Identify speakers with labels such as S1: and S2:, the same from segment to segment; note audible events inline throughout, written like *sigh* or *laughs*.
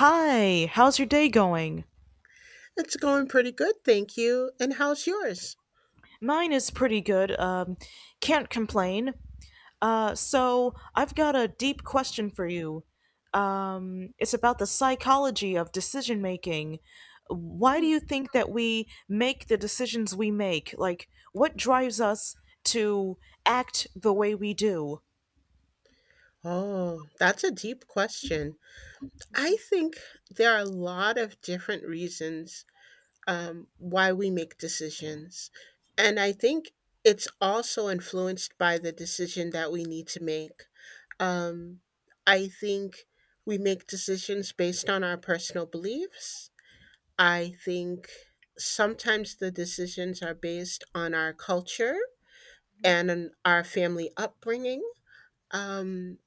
S1: Hi, how's your day going?
S2: It's going pretty good, thank you. And how's yours?
S1: Mine is pretty good. Can't complain. So I've got a deep question for you. It's about the psychology of decision making. Why do
S2: Hmm.
S1: you think that we make the decisions we make? Like, what drives us to act the way we do?
S2: Oh, that's a deep question. I think there are a lot of different reasons, why we make decisions. And I think it's also influenced by the decision that we need to make. Um, I think we make decisions based on our personal beliefs. I think sometimes the decisions are based on our culture and in our family upbringing. Um,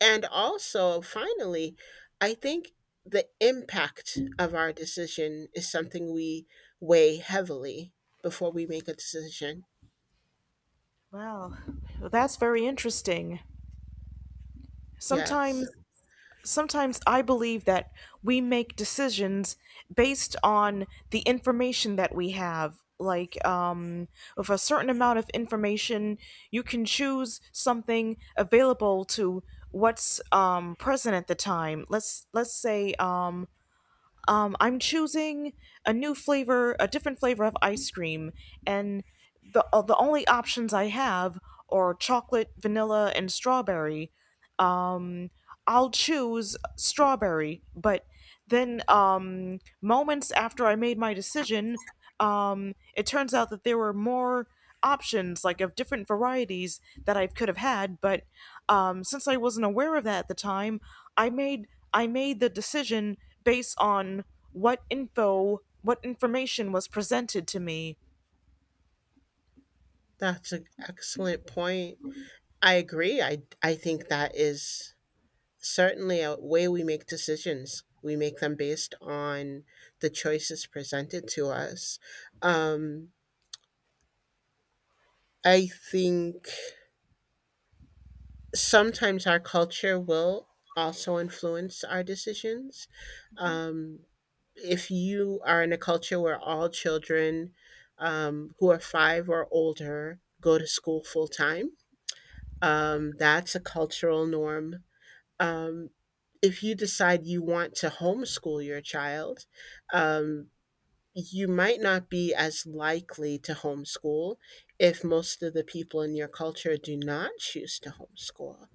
S2: and also, finally, I think the impact of our decision is something we weigh heavily before we make a decision.
S1: Wow, that's very interesting.
S2: Yes,
S1: Sometimes sometimes I believe that we make decisions based on the information that we have. Like, with a certain amount of information, you can choose something available to what's present at the time. Let's say I'm choosing a new flavor, a different flavor of ice cream, and the only options I have are chocolate, vanilla, and strawberry. Um, I'll choose strawberry, but then moments after I made my decision, it turns out that there were more options, like of different varieties that I could have had, but since I wasn't aware of that at the time, I made I made the decision based on what information was presented to me.
S2: that's an excellent point. I agree. I think that is certainly a way we make decisions. We make them based on the choices presented to us. Um, I think sometimes our culture will also influence our decisions. Um, if you are in a culture where all children, who are five or older, go to school full time, that's a cultural norm. Um, if you decide you want to homeschool your child, um, you might not be as likely to homeschool if most of the people in your culture do not choose to homeschool.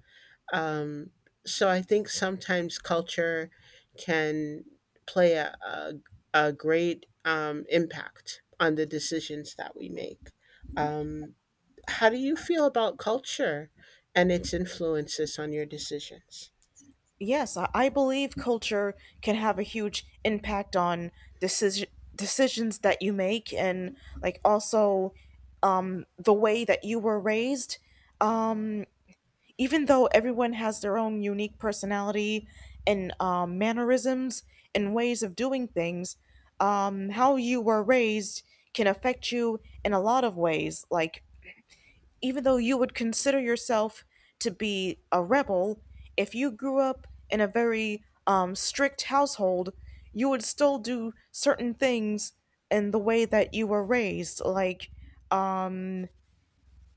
S2: Um, so I think sometimes culture can play a great impact on the decisions that we make. Um, how do you feel about culture and its influences on your decisions?
S1: Yes, I believe culture can have a huge impact on decision decisions that you make, and like also the way that you were raised. Um, Even though everyone has their own unique personality and mannerisms and ways of doing things, how you were raised can affect you in a lot of ways. Like, even though you would consider yourself to be a rebel, if you grew up in a very strict household, you would still do certain things in the way that you were raised. Like, um,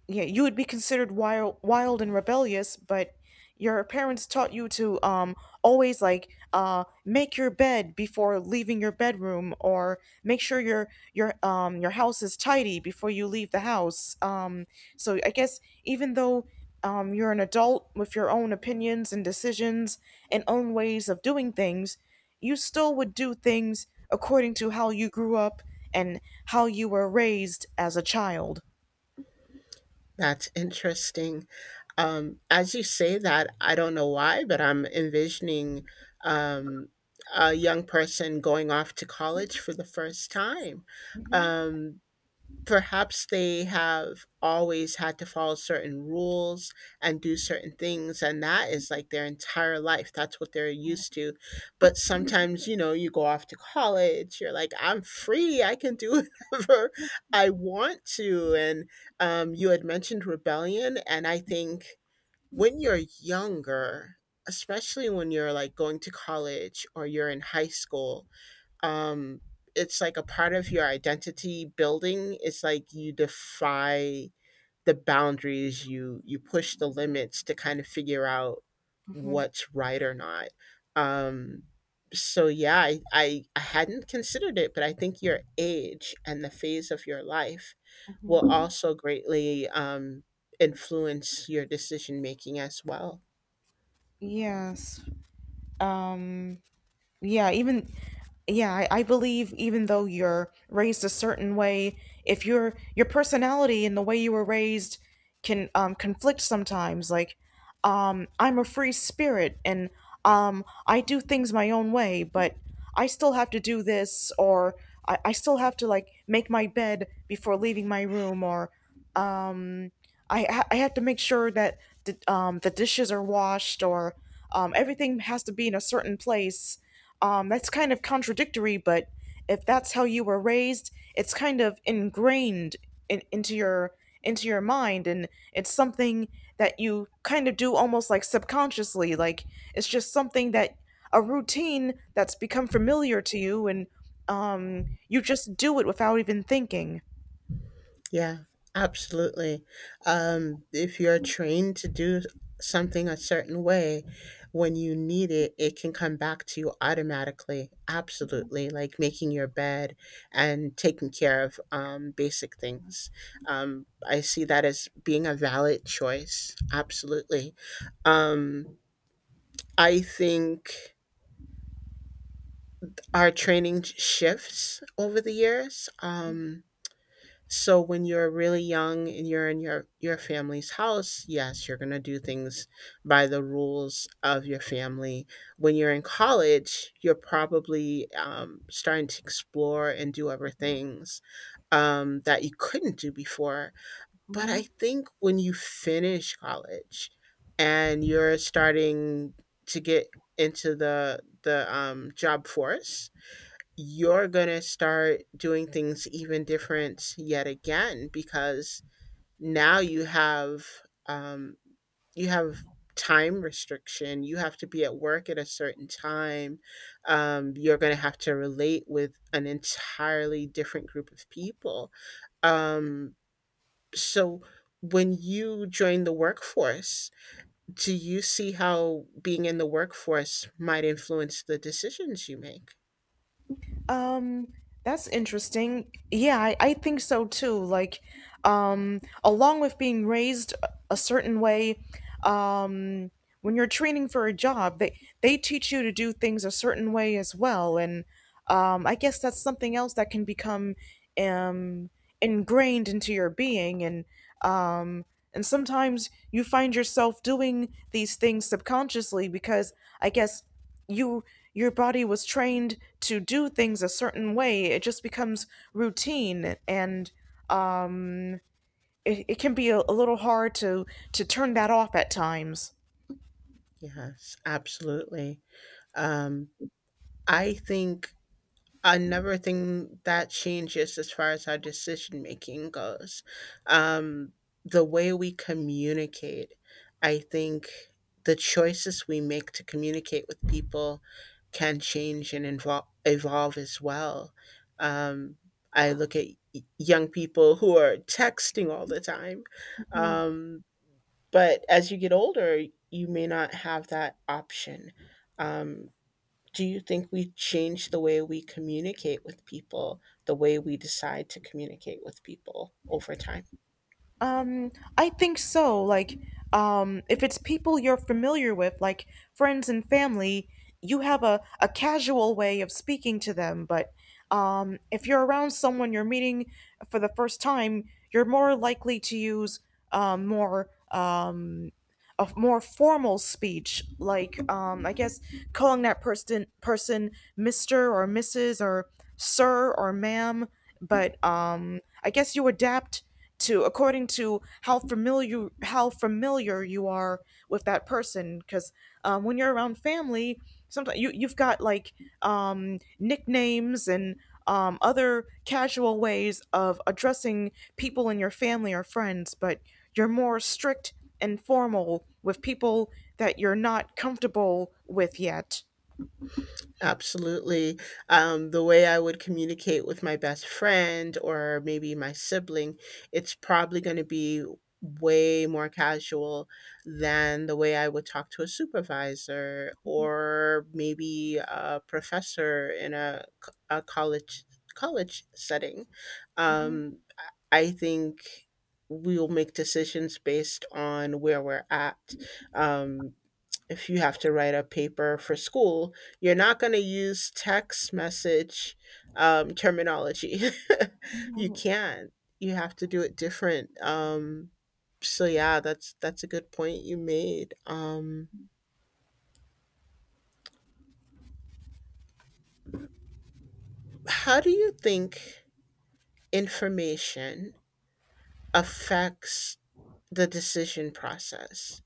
S1: yeah, you would be considered wild and rebellious, but your parents taught you to always make your bed before leaving your bedroom, or make sure your house is tidy before you leave the house. So I guess even though you're an adult with your own opinions and decisions and own ways of doing things, you still would do things according to how you grew up and how you were raised as a child.
S2: That's interesting. As you say that, I don't know why, but I'm envisioning, um, a young person going off to college for the first time. Um, Perhaps they have always had to follow certain rules and do certain things, and that is like their entire life. That's what they're used to. But sometimes, you know, you go off to college, you're like, I'm free, I can do *laughs* whatever I want to. And you had mentioned rebellion, and I think when you're younger, especially when you're like going to college or you're in high school, um it's like a part of your identity building. It's like you defy the boundaries, you push the limits to kind of figure out
S1: Hmm
S2: what's right or not. um so yeah, I hadn't considered it, but I think your age and the phase of your life will
S1: hmm
S2: also greatly influence your decision making as well.
S1: Yes. Um, yeah, even I believe even though you're raised a certain way, if your personality and the way you were raised can conflict sometimes. Like, I'm a free spirit and I do things my own way, but I still have to do this, or I still have to like make my bed before leaving my room, or um I have to make sure that the dishes are washed, or everything has to be in a certain place. That's kind of contradictory, but if that's how you were raised, it's kind of ingrained in, into your into your mind, and it's something that you kind of do almost like subconsciously. Like it's just something that a routine that's become familiar to you, and you just do it without even thinking.
S2: Yeah, absolutely. If you're trained to do something a certain way, when you need it, it can come back to you automatically. Absolutely. Like making your bed and taking care of basic things. I see that as being a valid choice. Absolutely. Um, I think our training shifts over the years. So when you're really young and you're in your family's house, yes, you're going to do things by the rules of your family. When you're in college, you're probably starting to explore and do other things that you couldn't do before. But I think when you finish college and you're starting to get into the job force, you're going to start doing things even different yet again because now you have, um, you have time restriction. You have to be at work at a certain time. You're going to have to relate with an entirely different group of people. um, so when you join the workforce, do you see how being in the workforce might influence the decisions you make?
S1: Um, that's interesting. Yeah, I think so too. Like, along with being raised a certain way, um, when you're training for a job, they teach you to do things a certain way as well. And I guess that's something else that can become um ingrained into your being, um and sometimes you find yourself doing these things subconsciously because I guess you your body was trained to do things a certain way, it just becomes routine, and um it can be a little hard to turn that off at times.
S2: Yes, absolutely. Um, I think another thing that changes as far as our decision making goes, um, the way we communicate. I think the choices we make to communicate with people can change and invol evolve as well. Um, I look at young people who are texting all the time.
S1: Mhm.
S2: Um, but as you get older, you may not have that option. Um, do you think we change the way we communicate with people, the way we decide to communicate with people over time?
S1: I think so. Like, if it's people you're familiar with, like friends and family, you have a casual way of speaking to them, but if you're around someone you're meeting for the first time, you're more likely to use um more um more formal speech, like I guess calling that person Mister or Mrs. or Sir or Ma'am. But I guess you adapt to according to how familiar you are with that person. Because when you're around family, sometimes you you've got like nicknames and other casual ways of addressing people in your family or friends, but you're more strict informal with people that you're not comfortable with yet.
S2: Absolutely. The way I would communicate with my best friend or maybe my sibling, it's probably going to be way more casual than the way I would talk to a supervisor or maybe a professor in a, a college college setting. Um, I I think we'll make decisions based on where we're at. Um, if you have to write a paper for school, you're not going to use text message, terminology. *laughs* You can't. You have to do it different. So yeah, that's a good point you made. How do you think information affects the decision process?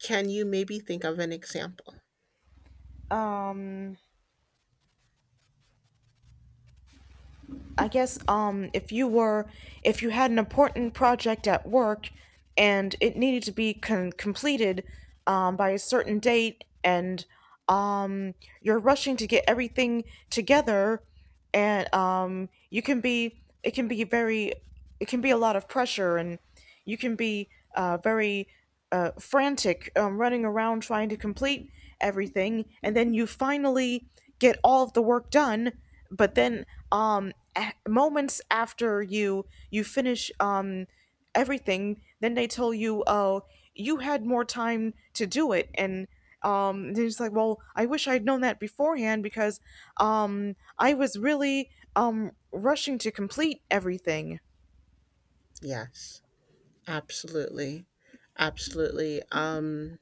S2: Can you maybe think of an example?
S1: Um, I guess if you were, if you had an important project at work and it needed to be completed by a certain date, and um, you're rushing to get everything together, and you can be, it can be very, it can be a lot of pressure, and you can be very frantic, running around trying to complete everything, and then you finally get all of the work done. But then, um, moments after you finish everything, then they tell you, "Oh, you had more time to do it," and they're just like, "Well, I wish I'd known that beforehand because I was really rushing to complete everything."
S2: Yes, absolutely, absolutely.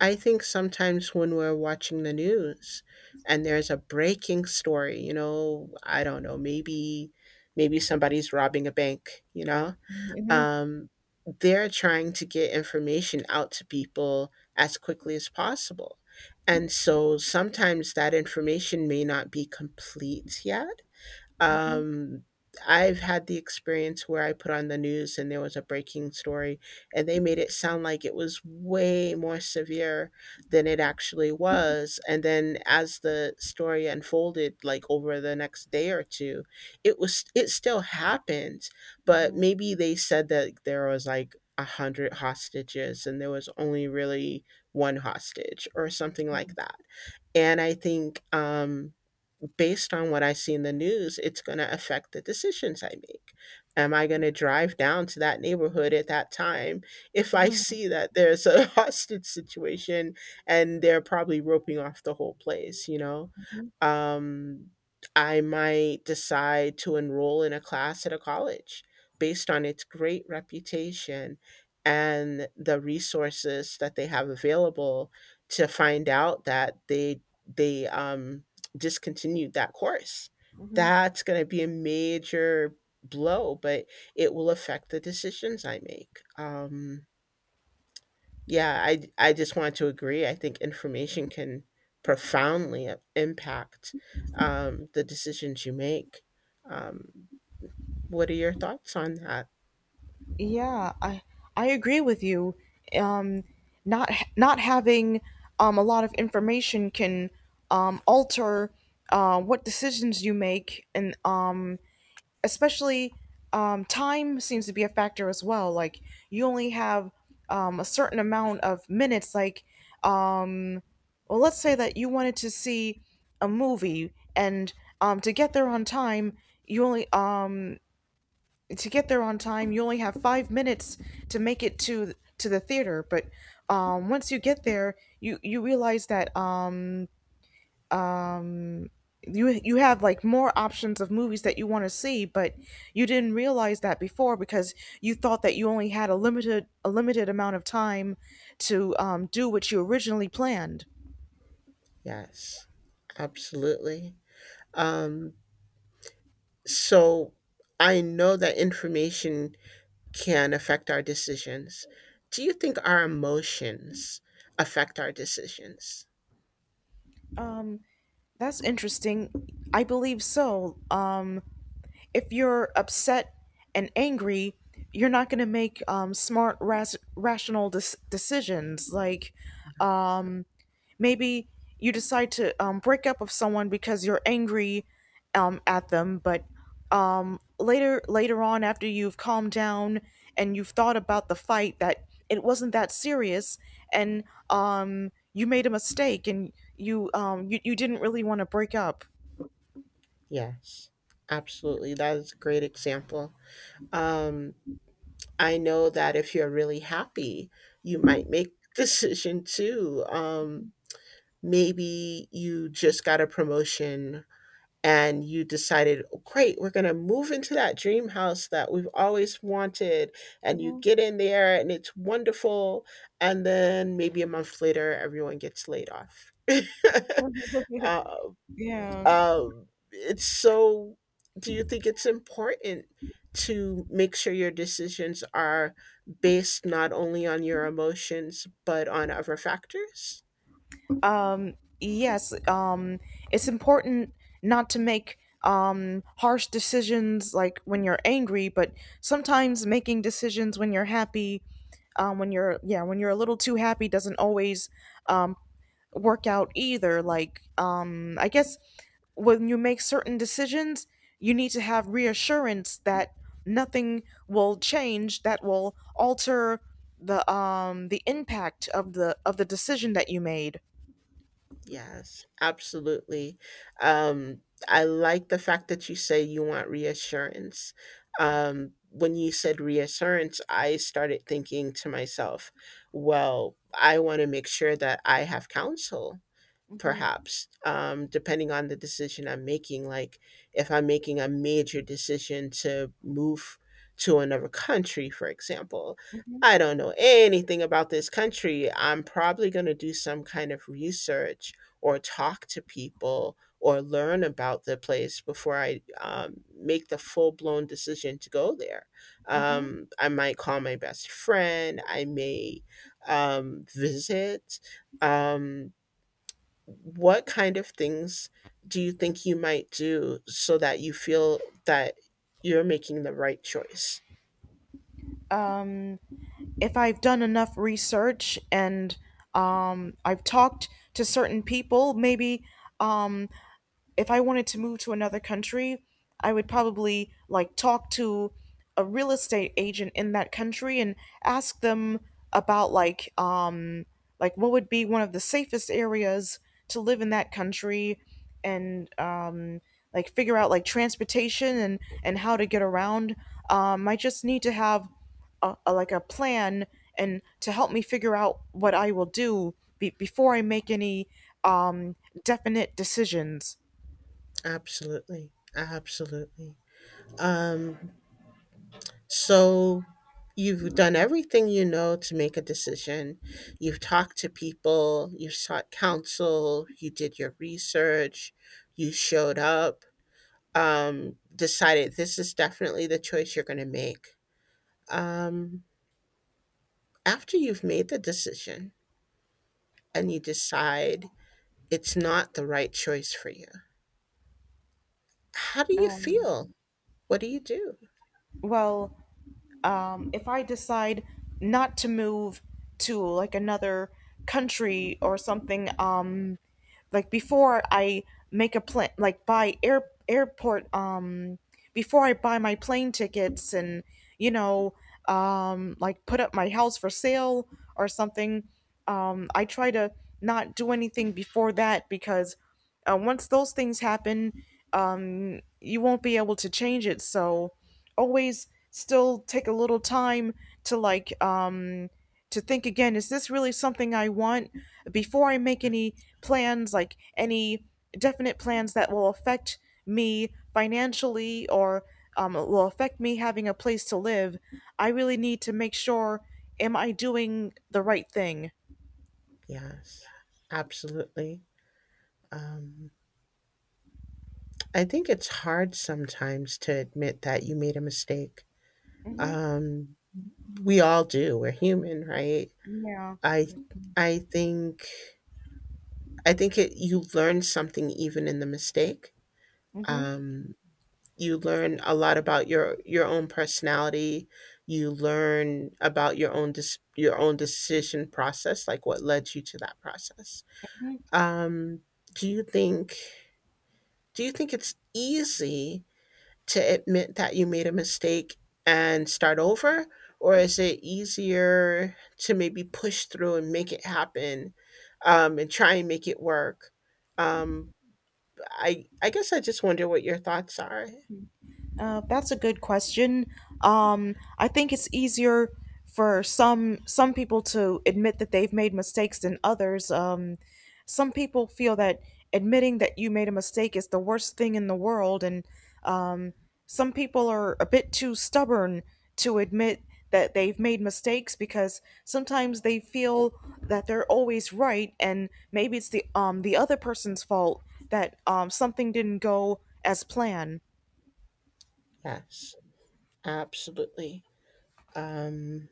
S2: I think sometimes when we're watching the news and there's a breaking story, you know, I don't know, maybe somebody's robbing a bank, you know?
S1: hmm
S2: Um, they're trying to get information out to people as quickly as possible. And so sometimes that information may not be complete yet. um, I've had the experience where I put on the news and there was a breaking story, and they made it sound like it was way more severe than it actually was. And then as the story unfolded, like over the next day or two, it still happened, but maybe they said that there was like a hundred hostages and there was only really one hostage or something like that. And I think based on what I see in the news, it's going to affect the decisions I make. Am I going to drive down to that neighborhood at that time if I see that there's a *laughs* hostage situation and they're probably roping off the whole place, you know? Um, I might decide to enroll in a class at a college based on its great reputation and the resources that they have available, to find out that they discontinued that course.
S1: hmm
S2: That's going to be a major blow, but it will affect the decisions I make. Yeah, I just want to agree. I think information can profoundly impact the decisions you make. Um, what are your thoughts on that?
S1: Yeah, I agree with you. Um, Not having a lot of information can alter what decisions you make, and especially time seems to be a factor as well. Like you only have a certain amount of minutes. Like, um, well, let's say that you wanted to see a movie, and to get there on time, you only to get there on time you only have 5 minutes to make it to the theater, but once you get there you realize that um you you have like more options of movies that you want to see, but you didn't realize that before because you thought that you only had a limited amount of time to do what you originally planned.
S2: Yes, absolutely. Um, so I know that information can affect our decisions. Do you think our emotions affect our decisions?
S1: um that's interesting. I believe so. If you're upset and angry, you're not going to make rational decisions. Like, um, maybe you decide to break up with someone because you're angry at them, but later on, after you've calmed down and you've thought about the fight, that it wasn't that serious, and you made a mistake, and you didn't really want to break up.
S2: Yes, absolutely. That is a great example. Um, I know that if you're really happy, you might make *laughs* decision too. Maybe you just got a promotion and you decided, "Oh, great, we're going to move into that dream house that we've always wanted." And you
S1: Mhm.
S2: get in there and it's wonderful. And then maybe a month later, everyone gets laid off. *laughs* um,
S1: *laughs* yeah.
S2: um, it's so, do you think it's important to make sure your decisions are based not only on your emotions, but on other factors?
S1: Um, yes, it's important not to make harsh decisions like when you're angry, but sometimes making decisions when you're happy, when you're a little too happy doesn't always um, work out either. Like I guess when you make certain decisions, you need to have reassurance that nothing will change that will alter the impact of the decision that you made.
S2: Yes, absolutely. Um, I like the fact that you say you want reassurance. When you said reassurance, I started thinking to myself, well, I want to make sure that I have counsel,
S1: Mm-hmm,
S2: perhaps, depending on the decision I'm making. Like if I'm making a major decision to move to another country, for example,
S1: mm-hmm,
S2: I don't know anything about this country. I'm probably going to do some kind of research or talk to people or learn about the place before I, make the full-blown decision to go there.
S1: mm-hmm.
S2: Um, I might call my best friend. I may, visit. um, what kind of things do you think you might do so that you feel that you're making the right choice?
S1: Um, if I've done enough research and I've talked to certain people, maybe um, if I wanted to move to another country, I would probably like talk to a real estate agent in that country and ask them about like what would be one of the safest areas to live in that country, and like figure out like transportation and how to get around. I just need to have a like a plan, and to help me figure out what I will do before I make any um definite decisions.
S2: Absolutely. Absolutely. Um, so you've done everything you know to make a decision. You've talked to people, you sought counsel, you did your research, you showed up, decided this is definitely the choice you're going to make. Um, After you've made the decision, and you decide it's not the right choice for you, how do you
S1: Um,
S2: feel? What do you do?
S1: well, if I decide not to move to like another country or something, like before I make a plan, like buy airport before I buy my plane tickets and you know like put up my house for sale or something. I try to not do anything before that because once those things happen, you won't be able to change it. So always still take a little time to to think again, is this really something I want before I make any plans, like any definite plans that will affect me financially, or will affect me having a place to live? I really need to make sure, am I doing the right thing?
S2: Yes, absolutely. Um, I think it's hard sometimes to admit that you made a mistake.
S1: Hmm
S2: Um, we all do. We're human, right?
S1: Yeah.
S2: I I think, it, you learn something even in the mistake.
S1: hmm
S2: Um, you learn a lot about your own personality. You learn about your own your own decision process, like what led you to that process. um do you think, it's easy to admit that you made a mistake and start over, or is it easier to maybe push through and make it happen and try and make it work? um I guess I just wonder what your thoughts are.
S1: That's a good question. I think it's easier for some people to admit that they've made mistakes than others. Some people feel that admitting that you made a mistake is the worst thing in the world, and um, some people are a bit too stubborn to admit that they've made mistakes because sometimes they feel that they're always right, and maybe it's the other person's fault that something didn't go as planned.
S2: Yes. Absolutely. Um,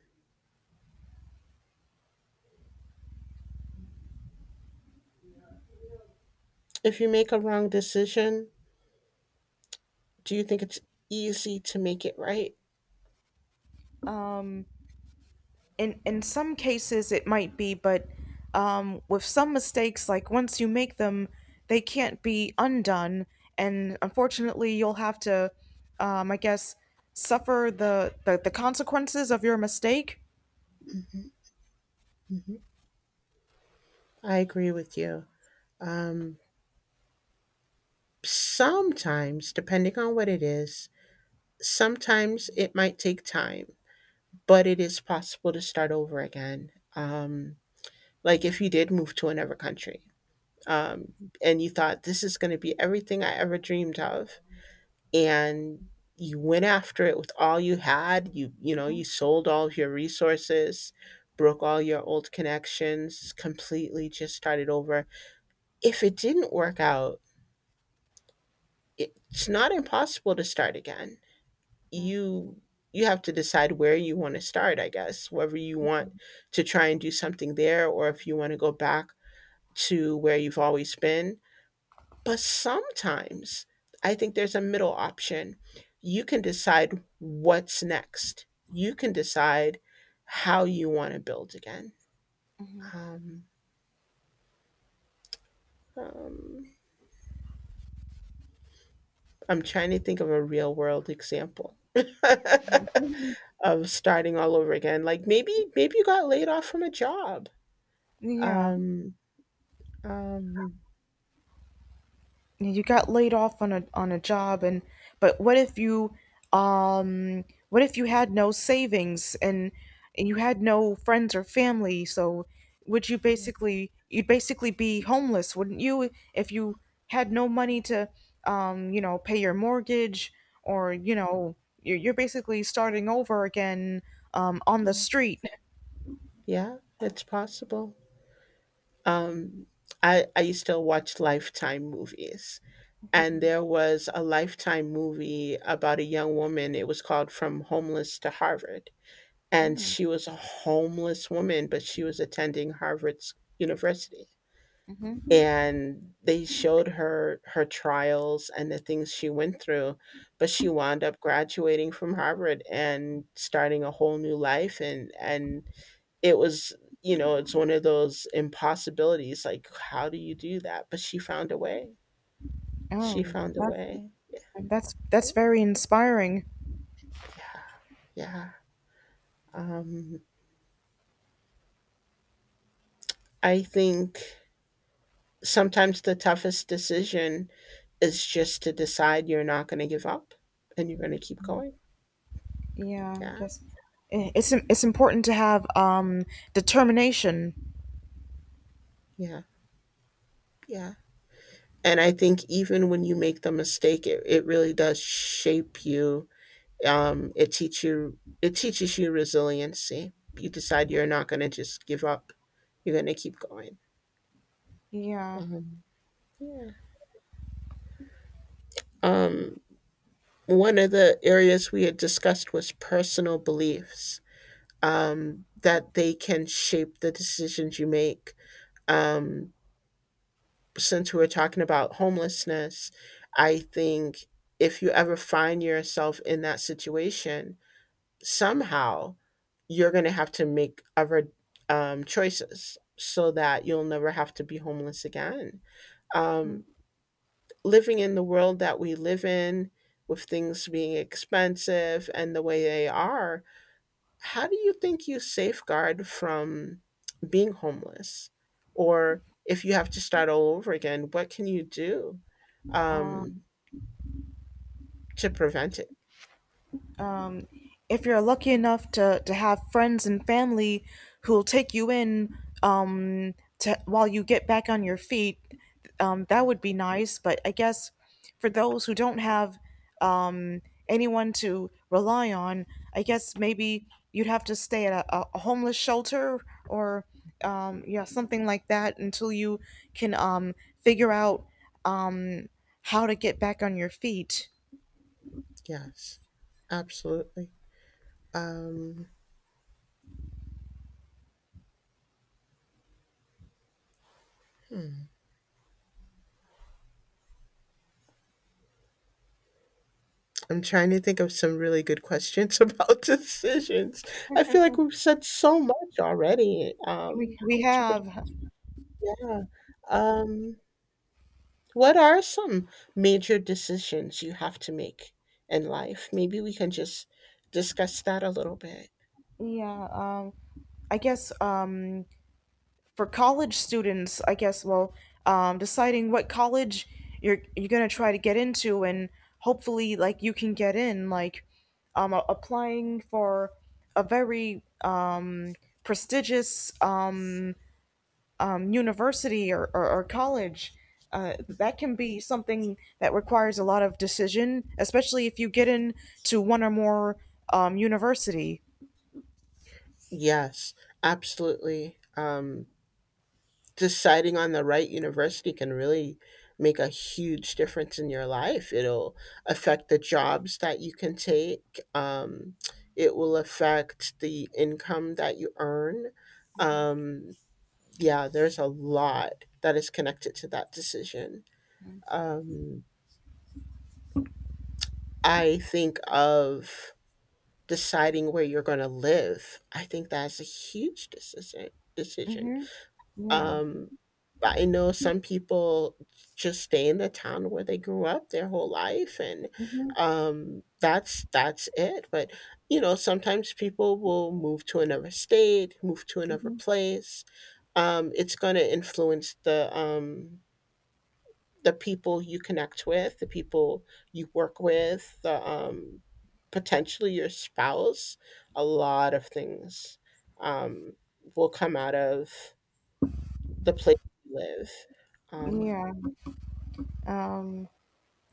S2: if you make a wrong decision, do you think it's easy to make it right?
S1: Um, in some cases it might be, but with some mistakes, like once you make them they can't be undone, and unfortunately you'll have to I guess suffer the consequences of your mistake.
S2: I agree with you. Um, sometimes, depending on what it is, sometimes it might take time, but it is possible to start over again. Like if you did move to another country, um, and you thought, this is going to be everything I ever dreamed of, and you went after it with all you had. You know,
S1: Hmm
S2: you sold all of your resources, broke all your old connections completely, just started over. If it didn't work out, it's not impossible to start again.
S1: hmm
S2: You you have to decide where you want to start, I guess, whether you want to try and do something there or if you want to go back to where you've always been. But sometimes I think there's a middle option. You can decide what's next. You can decide how you want to build again.
S1: Mhm.
S2: Um, um, I'm trying to think of a real world example
S1: *laughs*
S2: *laughs* of starting all over again. Like maybe you got laid off from a job.
S1: yeah,
S2: Um, um,
S1: you got laid off on a job. And but um what if you had no savings and you had no friends or family? So would you
S2: yeah,
S1: basically, you'd basically be homeless, wouldn't you, if you had no money to pay your mortgage? Or you know You're basically starting over again on the street. *laughs*
S2: yeah, it's possible. Um, I used to watch Lifetime movies. And
S1: Mhm.
S2: there was a Lifetime movie about a young woman. It was called From Homeless to Harvard. And
S1: Mhm.
S2: she was a homeless woman, but she was attending Harvard's University.
S1: Hmm.
S2: And they showed her trials and the things she went through, but she wound up graduating from Harvard and starting a whole new life. And it was, you know, it's one of those impossibilities, like how do you do that, but she found a way. She
S1: Oh,
S2: found a way.
S1: That's very inspiring.
S2: Yeah. Um, I think sometimes the toughest decision is just to decide you're not going to give up and you're going to keep going.
S1: Yeah, I
S2: Yeah,
S1: guess it's important to have determination.
S2: yeah, yeah. And I think even when you make the mistake, it really does shape you. It teach you it teaches you resiliency. You decide you're not going to just give up. You're going to keep going.
S1: Yeah.
S2: Um, yeah. Um, one of the areas we had discussed was personal beliefs, that they can shape the decisions you make. Um, since we were talking about homelessness, I think if you ever find yourself in that situation, somehow you're going to have to make other choices so that you'll never have to be homeless again. Um, living in the world that we live in, with things being expensive and the way they are, how do you think you safeguard from being homeless? Or if you have to start all over again, what can you do,
S1: uh,
S2: um, to prevent it?
S1: um, if you're lucky enough to have friends and family who'll take you in, um, to, while you get back on your feet, that would be nice. But I guess for those who don't have um, anyone to rely on, I guess maybe you'd have to stay at a homeless shelter or yeah, something like that until you can figure out um, how to get back on your feet.
S2: Yes, absolutely. Um, I'm trying to think of some really good questions *laughs* about decisions. I feel like we've said so much already.
S1: We
S2: It's pretty,
S1: have.
S2: yeah. Um, what are some major decisions you have to make in life? Maybe we can just discuss that a little bit.
S1: Yeah, I guess for college students, I guess, well, deciding what college you're gonna try to get into, and hopefully, like, you can get in, like, applying for a very prestigious university, or college. That can be something that requires a lot of decision, especially if you get in to one or more university.
S2: Yes, absolutely. Deciding on the right university can really make a huge difference in your life. It'll affect the jobs that you can take, it will affect the income that you earn. Um, yeah, there's a lot that is connected to that decision. Um, I think of deciding where you're gonna live. I think that's a huge decision.
S1: Mm-hmm. Yeah.
S2: Um, I know some people just stay in the town where they grew up their whole life and,
S1: Mm-hmm.
S2: that's it. But you know, sometimes people will move to another state, move to another place. It's gonna influence the, the people you connect with, the people you work with, the, potentially your spouse. A lot of things, um, will come out of the place you live. Um,
S1: Yeah. Um,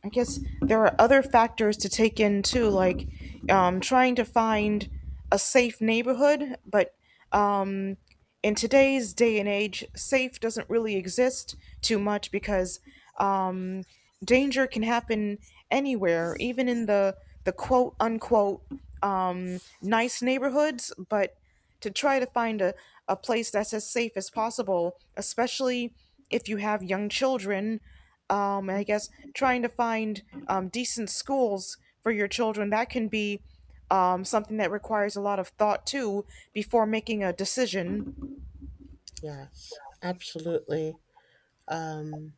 S1: I guess there are other factors to take in too, like, trying to find a safe neighborhood. But um, in today's day and age, safe doesn't really exist too much because um, danger can happen anywhere, even in the quote unquote nice neighborhoods. But to try to find a place that's as safe as possible, especially if you have young children. And
S2: mhm,
S1: I guess trying to find decent schools for your children, that can be something that requires a lot of thought too before making a decision.
S2: yes, absolutely. Um,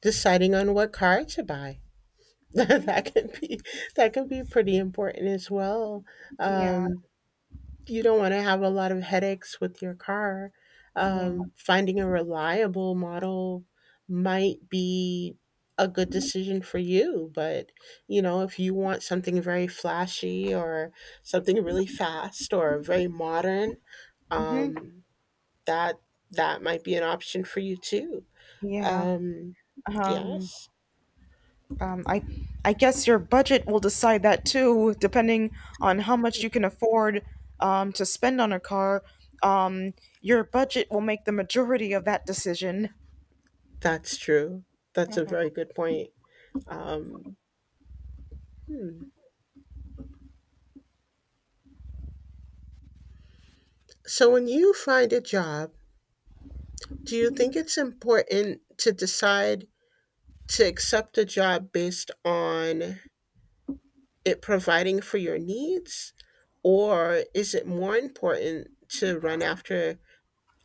S2: deciding on what car to buy. *laughs* that can be that can be pretty important as well.
S1: Yeah,
S2: Um, you don't want to have a lot of headaches with your car.
S1: yeah,
S2: Finding a reliable model might be a good decision for you, but you know, if you want something very flashy or something really fast or very modern,
S1: hmm,
S2: um, that that might be an option for you too.
S1: yeah.
S2: Um,
S1: Um,
S2: yes,
S1: um, I guess your budget will decide that too, depending on how much you can afford to spend on a car. Um, your budget will make the majority of that decision.
S2: that's true. That's a very good point. Um, hmm. So when you find a job, do you think it's important to decide to accept a job based on it providing for your needs? Or is it more important to run after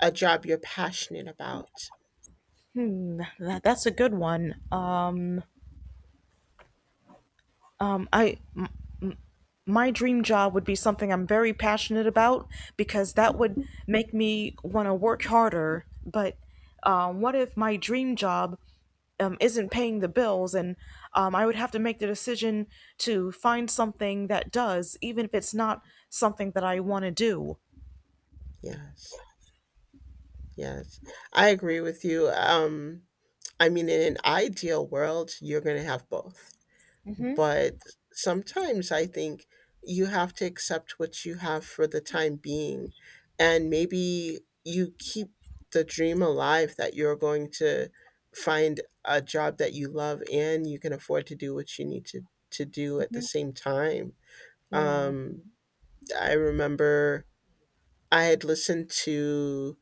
S2: a job you're passionate about?
S1: Hmm, that's a good one. I my dream job would be something I'm very passionate about, because that would make me want to work harder. But what if my dream job isn't paying the bills, and I would have to make the decision to find something that does, even if it's not something that I want to do?
S2: Yes, yes. I agree with you. I mean, in an ideal world, you're going to have both. But sometimes I think you have to accept what you have for the time being. And maybe you keep the dream alive that you're going to find a job that you love and you can afford to do what you need to do at the same time.
S1: Yeah.
S2: Um, I remember I had listened to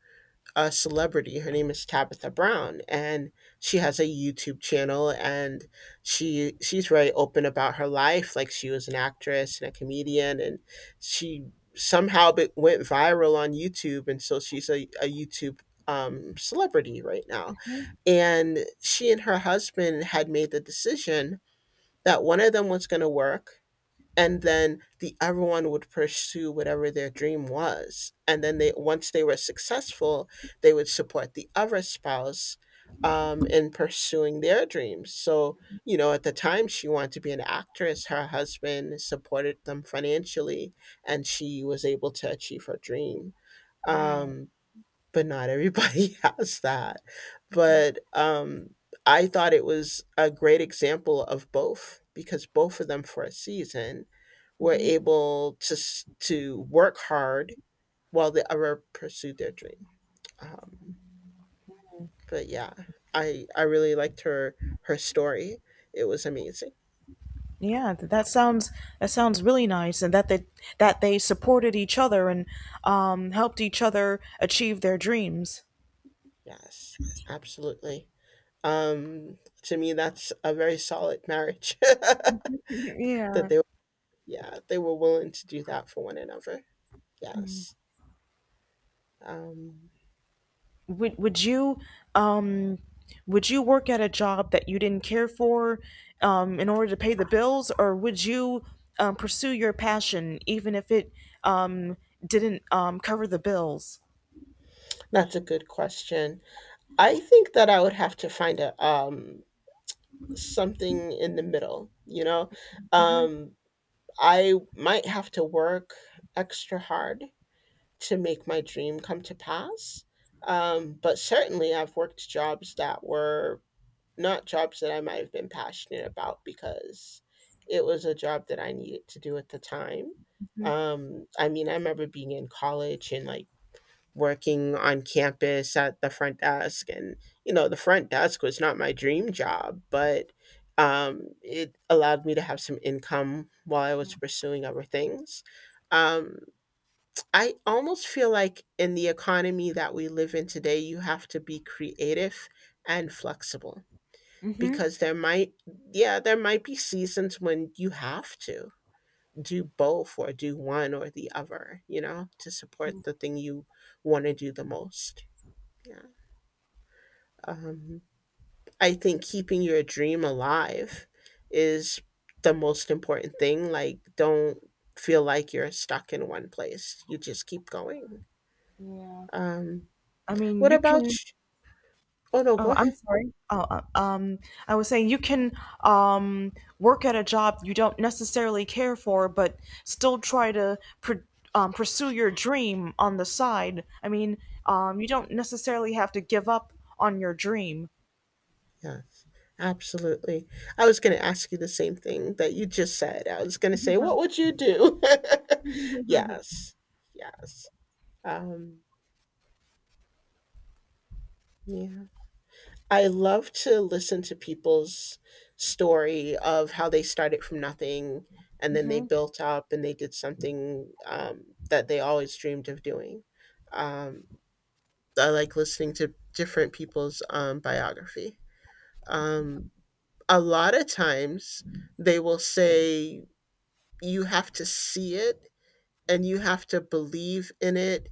S2: a celebrity. Her name is Tabitha Brown, and she has a YouTube channel. And she's very open about her life. Like she was an actress and a comedian, and she went viral on YouTube. And so she's a YouTube, celebrity right now. And she and her husband had made the decision that one of them was going to work, and then the everyone would pursue whatever their dream was, and then they once they were successful, they would support the other spouse, in pursuing their dreams. So you know, at the time she wanted to be an actress. Her husband supported them financially, and she was able to achieve her dream.
S1: Yeah.
S2: um, but not everybody *laughs* has that. But I thought it was a great example of both, because both of them for a season were able to to work hard while the other pursued their dream. Um, but yeah, I really liked her story. It was amazing.
S1: Yeah, that sounds, really nice, and that they, that they supported each other and helped each other achieve their dreams. *laughs*
S2: Yes, absolutely. To me, that's a very solid marriage *laughs* that
S1: Yeah.
S2: they, yeah, they were willing to do that for one another. Yes. Um,
S1: Would you um would you work at a job that you didn't care for, in order to pay the bills, or would you pursue your passion even if it um, didn't cover the bills?
S2: that's a good question. I think that I would have to find a, something in the middle, you know? Um, I might have to work extra hard to make my dream come to pass. But certainly I've worked jobs that were not jobs that I might have been passionate about, because it was a job that I needed to do at the time. I mean, I remember being in college and like working on campus at the front desk, and you know, the front desk was not my dream job, but it allowed me to have some income while I was pursuing other things. um, I almost feel like in the economy that we live in today, you have to be creative and flexible,
S1: Mm-hmm.
S2: because there might, yeah, there might be seasons when you have to do both or do one or the other, you know, to support the thing you want to do the most. Yeah. Um, I think keeping your dream alive is the most important thing. Like, don't feel like you're stuck in one place. You just keep going.
S1: Yeah.
S2: Um,
S1: I mean,
S2: what
S1: you
S2: about?
S1: can—
S2: Oh no, go
S1: Oh, I'm
S2: ahead.
S1: sorry. Oh, I was saying you can um, work at a job you don't necessarily care for, but still try to pr pursue your dream on the side. I mean, you don't necessarily have to give up on your dream.
S2: Yes, absolutely. I was going to ask you the same thing that you just said. I was going to say, what would you do? *laughs* yes, yes. Um, yeah. I love to listen to people's story of how they started from nothing and then they
S1: Hmm.
S2: built up and they did something, that they always dreamed of doing. Um, I like listening to different people's, biography. Um, a lot of times they will say you have to see it and you have to believe in it,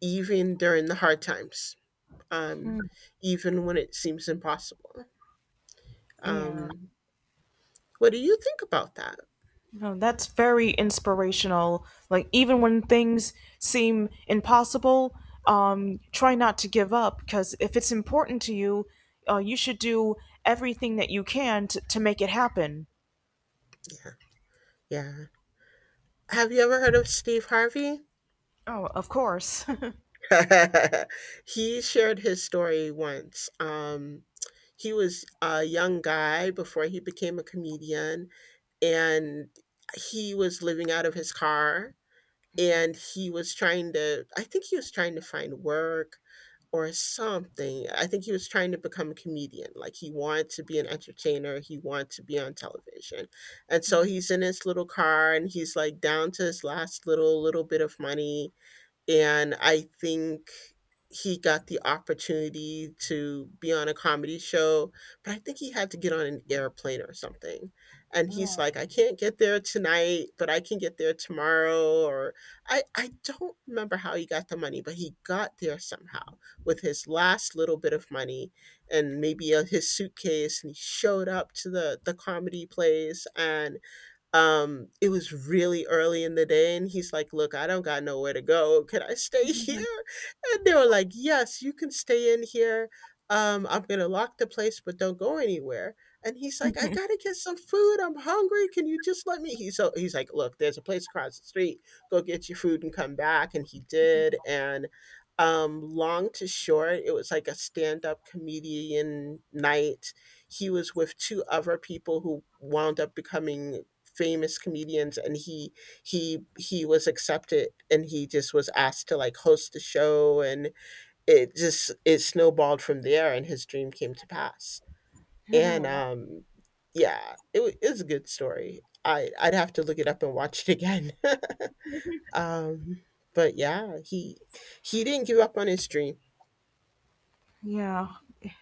S2: even during the hard times, um, even when it seems impossible,
S1: Yeah.
S2: um, what do you think about that?
S1: No, that's very inspirational. Like, even when things seem impossible, try not to give up, because if it's important to you, you should do everything that you can to make it happen.
S2: Yeah. Yeah. Have you ever heard of Steve Harvey?
S1: Oh, of course.
S2: *laughs* He shared his story once. He was a young guy before he became a comedian, and he was living out of his car. And he was trying to, I think he was trying to find work. Or something. I think he was trying to become a comedian. Like he wanted to be an entertainer. He wanted to be on television. And so he's in his little car and he's like, down to his last little bit of money, and I think he got the opportunity to be on a comedy show, but I think he had to get on an airplane or something. And he's like, I can't get there tonight, but I can get there tomorrow. Or I don't remember how he got the money, but he got there somehow with his last little bit of money and maybe his suitcase. And he showed up to the comedy place, and it was really early in the day, and he's like, "Look, I don't got nowhere to go. Can I stay *laughs* here?" And they were like, "Yes, you can stay in here. I'm gonna lock the place, but don't go anywhere." And he's like, "I
S1: *laughs*
S2: gotta get some food. I'm hungry. Can you just let me?" He's so he's like, "Look, there's a place across the street. Go get your food and come back." And he did. And long to short, it was like a stand-up comedian night. He was with two other people who wound up becoming famous comedians, and he was accepted, and he just was asked to like host the show, and it just it snowballed from there, and his dream came to pass. And yeah, it was a good story. I'd have to look it up and watch it again. *laughs* um but yeah, he didn't give up on his dream.
S1: Yeah,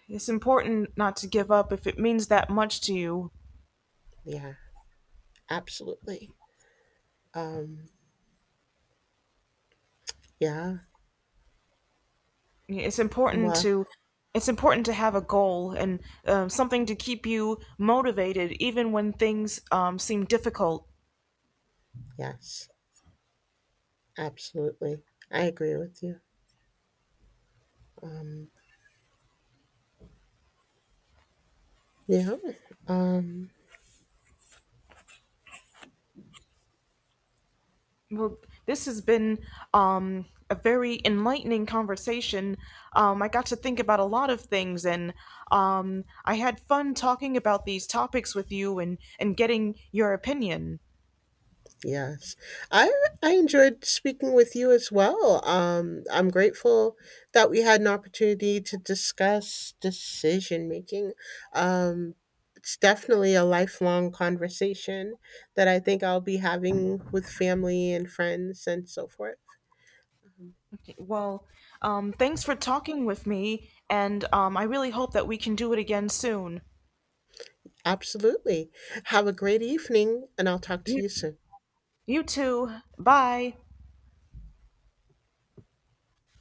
S1: it's important not to give up if it means that much to you.
S2: Yeah, absolutely. um yeah.
S1: Yeah, it's important
S2: Well,
S1: to, it's important to have a goal and something to keep you motivated even when things seem difficult.
S2: yes, absolutely, I agree with you. um Yeah. Um,
S1: Well, this has been a very enlightening conversation. I got to think about a lot of things, and I had fun talking about these topics with you and getting your opinion.
S2: yes. I I enjoyed speaking with you as well. I'm grateful that we had an opportunity to discuss decision making. Um, it's definitely a lifelong conversation that I think I'll be having with family and friends and so forth.
S1: Well, thanks for talking with me, and I really hope that we can do it again soon.
S2: Absolutely. Have a great evening, and I'll talk to
S1: You,
S2: you soon.
S1: you too. Bye.